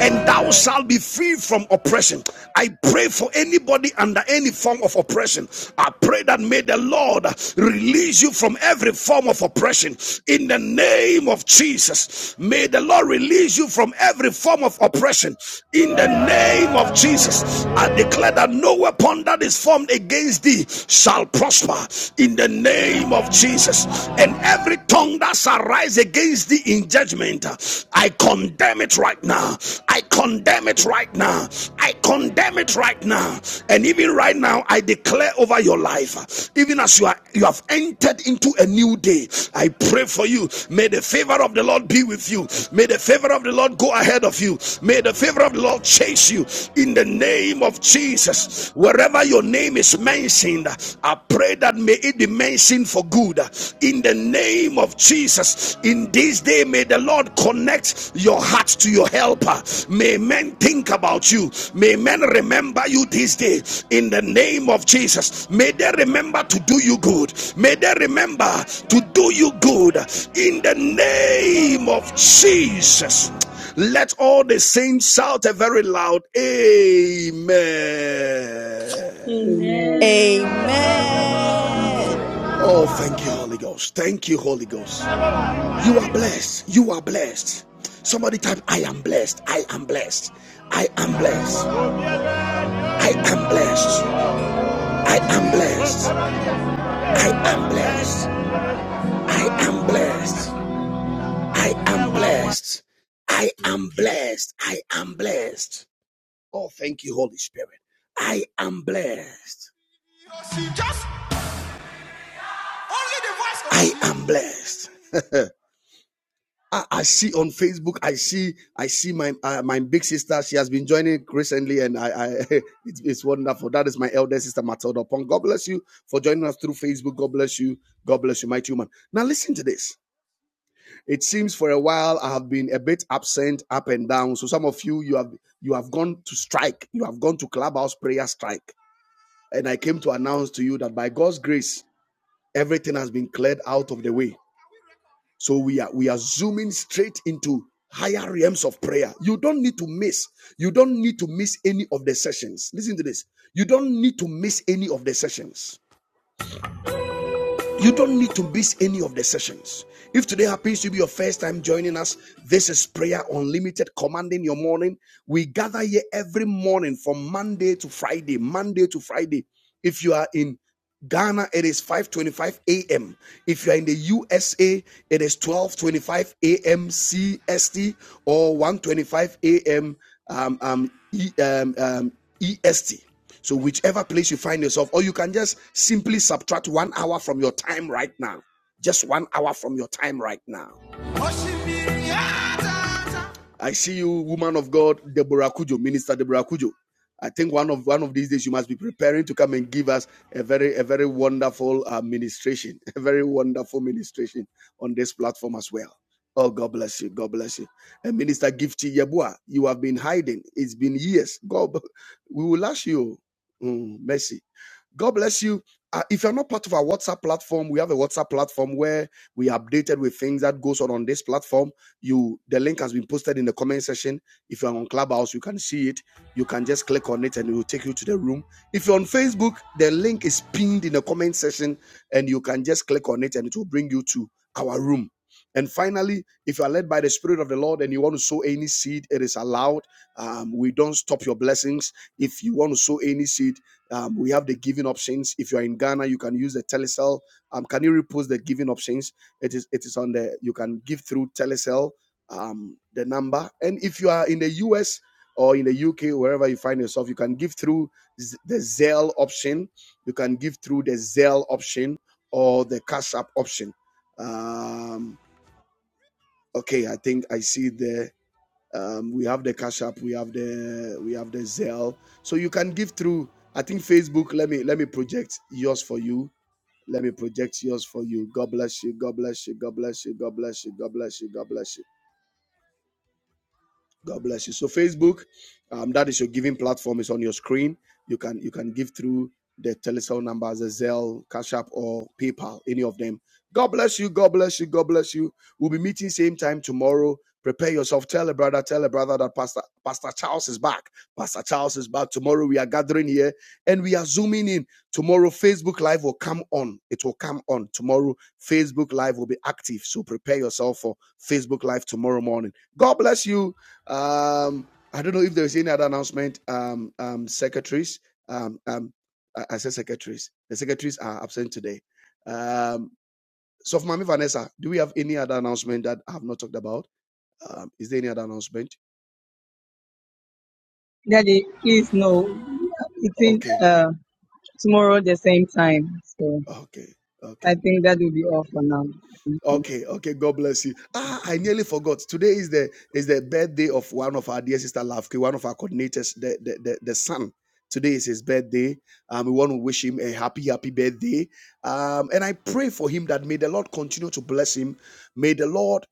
and thou shalt be free from oppression. I pray for anybody under any form of oppression. I pray that may the Lord release you from every form of oppression in the name of Jesus. May the Lord release you from every form of oppression in the name of Jesus. I declare that no weapon that is formed against thee shall prosper in the name of Jesus, and every tongue that shall rise against safety in judgment. I condemn it right now. I condemn it right now. I condemn it right now. And even right now, I declare over your life, even as you are you have entered into a new day. I pray for you. May the favor of the Lord be with you. May the favor of the Lord go ahead of you. May the favor of the Lord chase you in the name of Jesus. Wherever your name is mentioned, I pray that may it be mentioned for good in the name of Jesus. In this day, may the Lord connect your heart to your helper. May men think about you. May men remember you this day in the name of Jesus. May they remember to do you good. May they remember to do you good in the name of Jesus. Let all the saints shout a very loud Amen. Amen. Amen. Oh, thank you, Holy Ghost. Thank you, Holy Ghost. You are blessed. You are blessed. Somebody type, I am blessed. I am blessed. I am blessed. I am blessed. I am blessed. I am blessed. I am blessed. I am blessed. I am blessed. I am blessed. Oh, thank you, Holy Spirit. I am blessed. I am blessed. I, I see on Facebook. I see. I see my uh, my big sister. She has been joining recently, and I, I it's, it's wonderful. That is my elder sister Matilda Pong. God bless you for joining us through Facebook. God bless you. God bless you, mighty woman. Now listen to this. It seems for a while I have been a bit absent, up and down. So some of you, you have you have gone to strike. You have gone to clubhouse prayer strike, and I came to announce to you that by God's grace, everything has been cleared out of the way so we are we are zooming straight into higher realms of prayer. You don't need to miss. You don't need to miss any of the sessions. Listen to this. You don't need to miss any of the sessions. You don't need to miss any of the sessions. If today happens to be your first time joining us, this is Prayer Unlimited commanding your morning. We gather here every morning from Monday to Friday, Monday to Friday. If you are in Ghana, it is 5:25 a.m. If you are in the USA, it is 12:25 a.m. CST or one twenty-five a.m. Um, um, E- um, um, EST. So, whichever place you find yourself, or you can just simply subtract one hour from your time right now. Just one hour from your time right now. I see you, woman of God, Deborah Kujo, Minister Deborah Kujo. I think one of one of these days you must be preparing to come and give us a very a very wonderful administration, a very wonderful ministration on this platform as well. Oh, God bless you. God bless you. And Minister Gifty Yebua, you have been hiding. It's been years. God, b- we will ask you. Mm, mercy. God bless you. Uh, if you're not part of our WhatsApp platform, we have a WhatsApp platform where we are updated with things that goes on on this platform you the link has been posted in the comment section. If you're on Clubhouse, you can see it. You can just click on it and it will take you to the room. If you're on Facebook, the link is pinned in the comment section and you can just click on it and it will bring you to our room. And finally, if you are led by the Spirit of the Lord and you want to sow any seed, it is allowed. Um, we don't stop your blessings. If you want to sow any seed, um, we have the giving options. If you are in Ghana, you can use the telecell. Um, can you repost the giving options? It is it is on the you can give through Telecel um, the number. And if you are in the US or in the UK, wherever you find yourself, you can give through the Zelle option. You can give through the Zelle option or the Cash App option. Um, okay, I think I see the um, we have the Cash App, we have the we have the Zelle. So you can give through. I think Facebook. Let me let me project yours for you. Let me project yours for you. God bless you. God bless you. God bless you. God bless you. God bless you. God bless you. God bless you. So Facebook, um, that is your giving platform. It's on your screen. You can you can give through the Telecel numbers, the Zelle, Cash App, or PayPal, any of them. God bless you. God bless you. God bless you. We'll be meeting same time tomorrow. Prepare yourself. Tell a brother. Tell a brother that Pastor Pastor Charles is back. Pastor Charles is back tomorrow. We are gathering here and we are zooming in tomorrow. Facebook Live will come on. It will come on tomorrow. Facebook Live will be active. So prepare yourself for Facebook Live tomorrow morning. God bless you. Um, I don't know if there's any other announcement. Um, um, secretaries, um, um, I, I said secretaries. The secretaries are absent today. Um, so, for Mami Vanessa, do we have any other announcement that I have not talked about? Um, is there any other announcement? Daddy, please know It's in Okay, uh, tomorrow the same time. So okay, I okay. think that will be all for now. Thank you. Okay, okay, God bless you. Ah, I nearly forgot. Today is the is the birthday of one of our dear sister Lafke, one of our coordinators, the the, the, the son. Today is his birthday. Um, we want to wish him a happy, happy birthday. Um, and I pray for him that may the Lord continue to bless him. May the Lord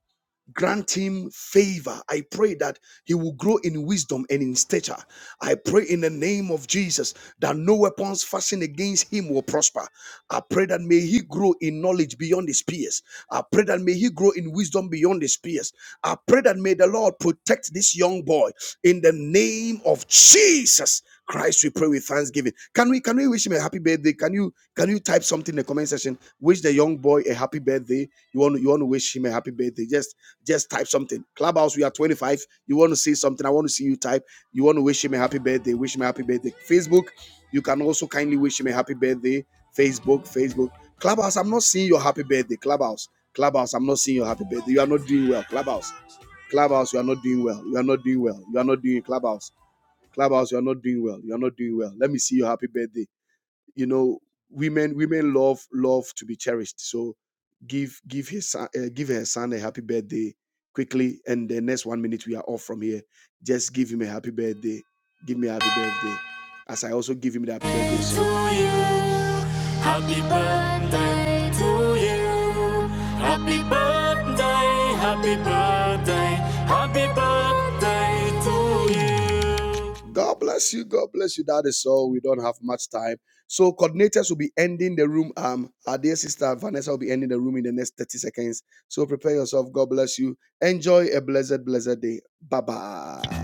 grant him favor. I pray that he will grow in wisdom and in stature. I pray in the name of Jesus that no weapons fashioned against him will prosper. I pray that may he grow in knowledge beyond his peers. I pray that may he grow in wisdom beyond his peers. I pray that may the Lord protect this young boy in the name of Jesus. Christ, we pray with thanksgiving. Can we can we wish him a happy birthday? Can you can you type something in the comment section? Wish the young boy a happy birthday. You want you want to wish him a happy birthday. Just just type something. Clubhouse, we are 25. You want to say something? I want to see you type. You want to wish him a happy birthday. Wish him a happy birthday. Facebook, you can also kindly wish him a happy birthday. Facebook, Facebook. Clubhouse, I'm not seeing your happy birthday. Clubhouse, Clubhouse, I'm not seeing your happy birthday. You are not doing well. Clubhouse. Clubhouse, you are not doing well. You are not doing well. You are not doing Clubhouse. Clubhouse, you are not doing well. You are not doing well. Let me see your happy birthday. You know, women women love love to be cherished. So give give his son, uh, give her son a happy birthday quickly, and the next one minute we are off from here. Just give him a happy birthday. Give me a happy birthday. As I also give him the happy birthday song. God bless you. God bless you. That is all. We don't have much time. So coordinators will be ending the room. Um, our dear sister Vanessa will be ending the room in the next 30 seconds. So prepare yourself. God bless you. Enjoy a blessed, blessed day. Bye bye.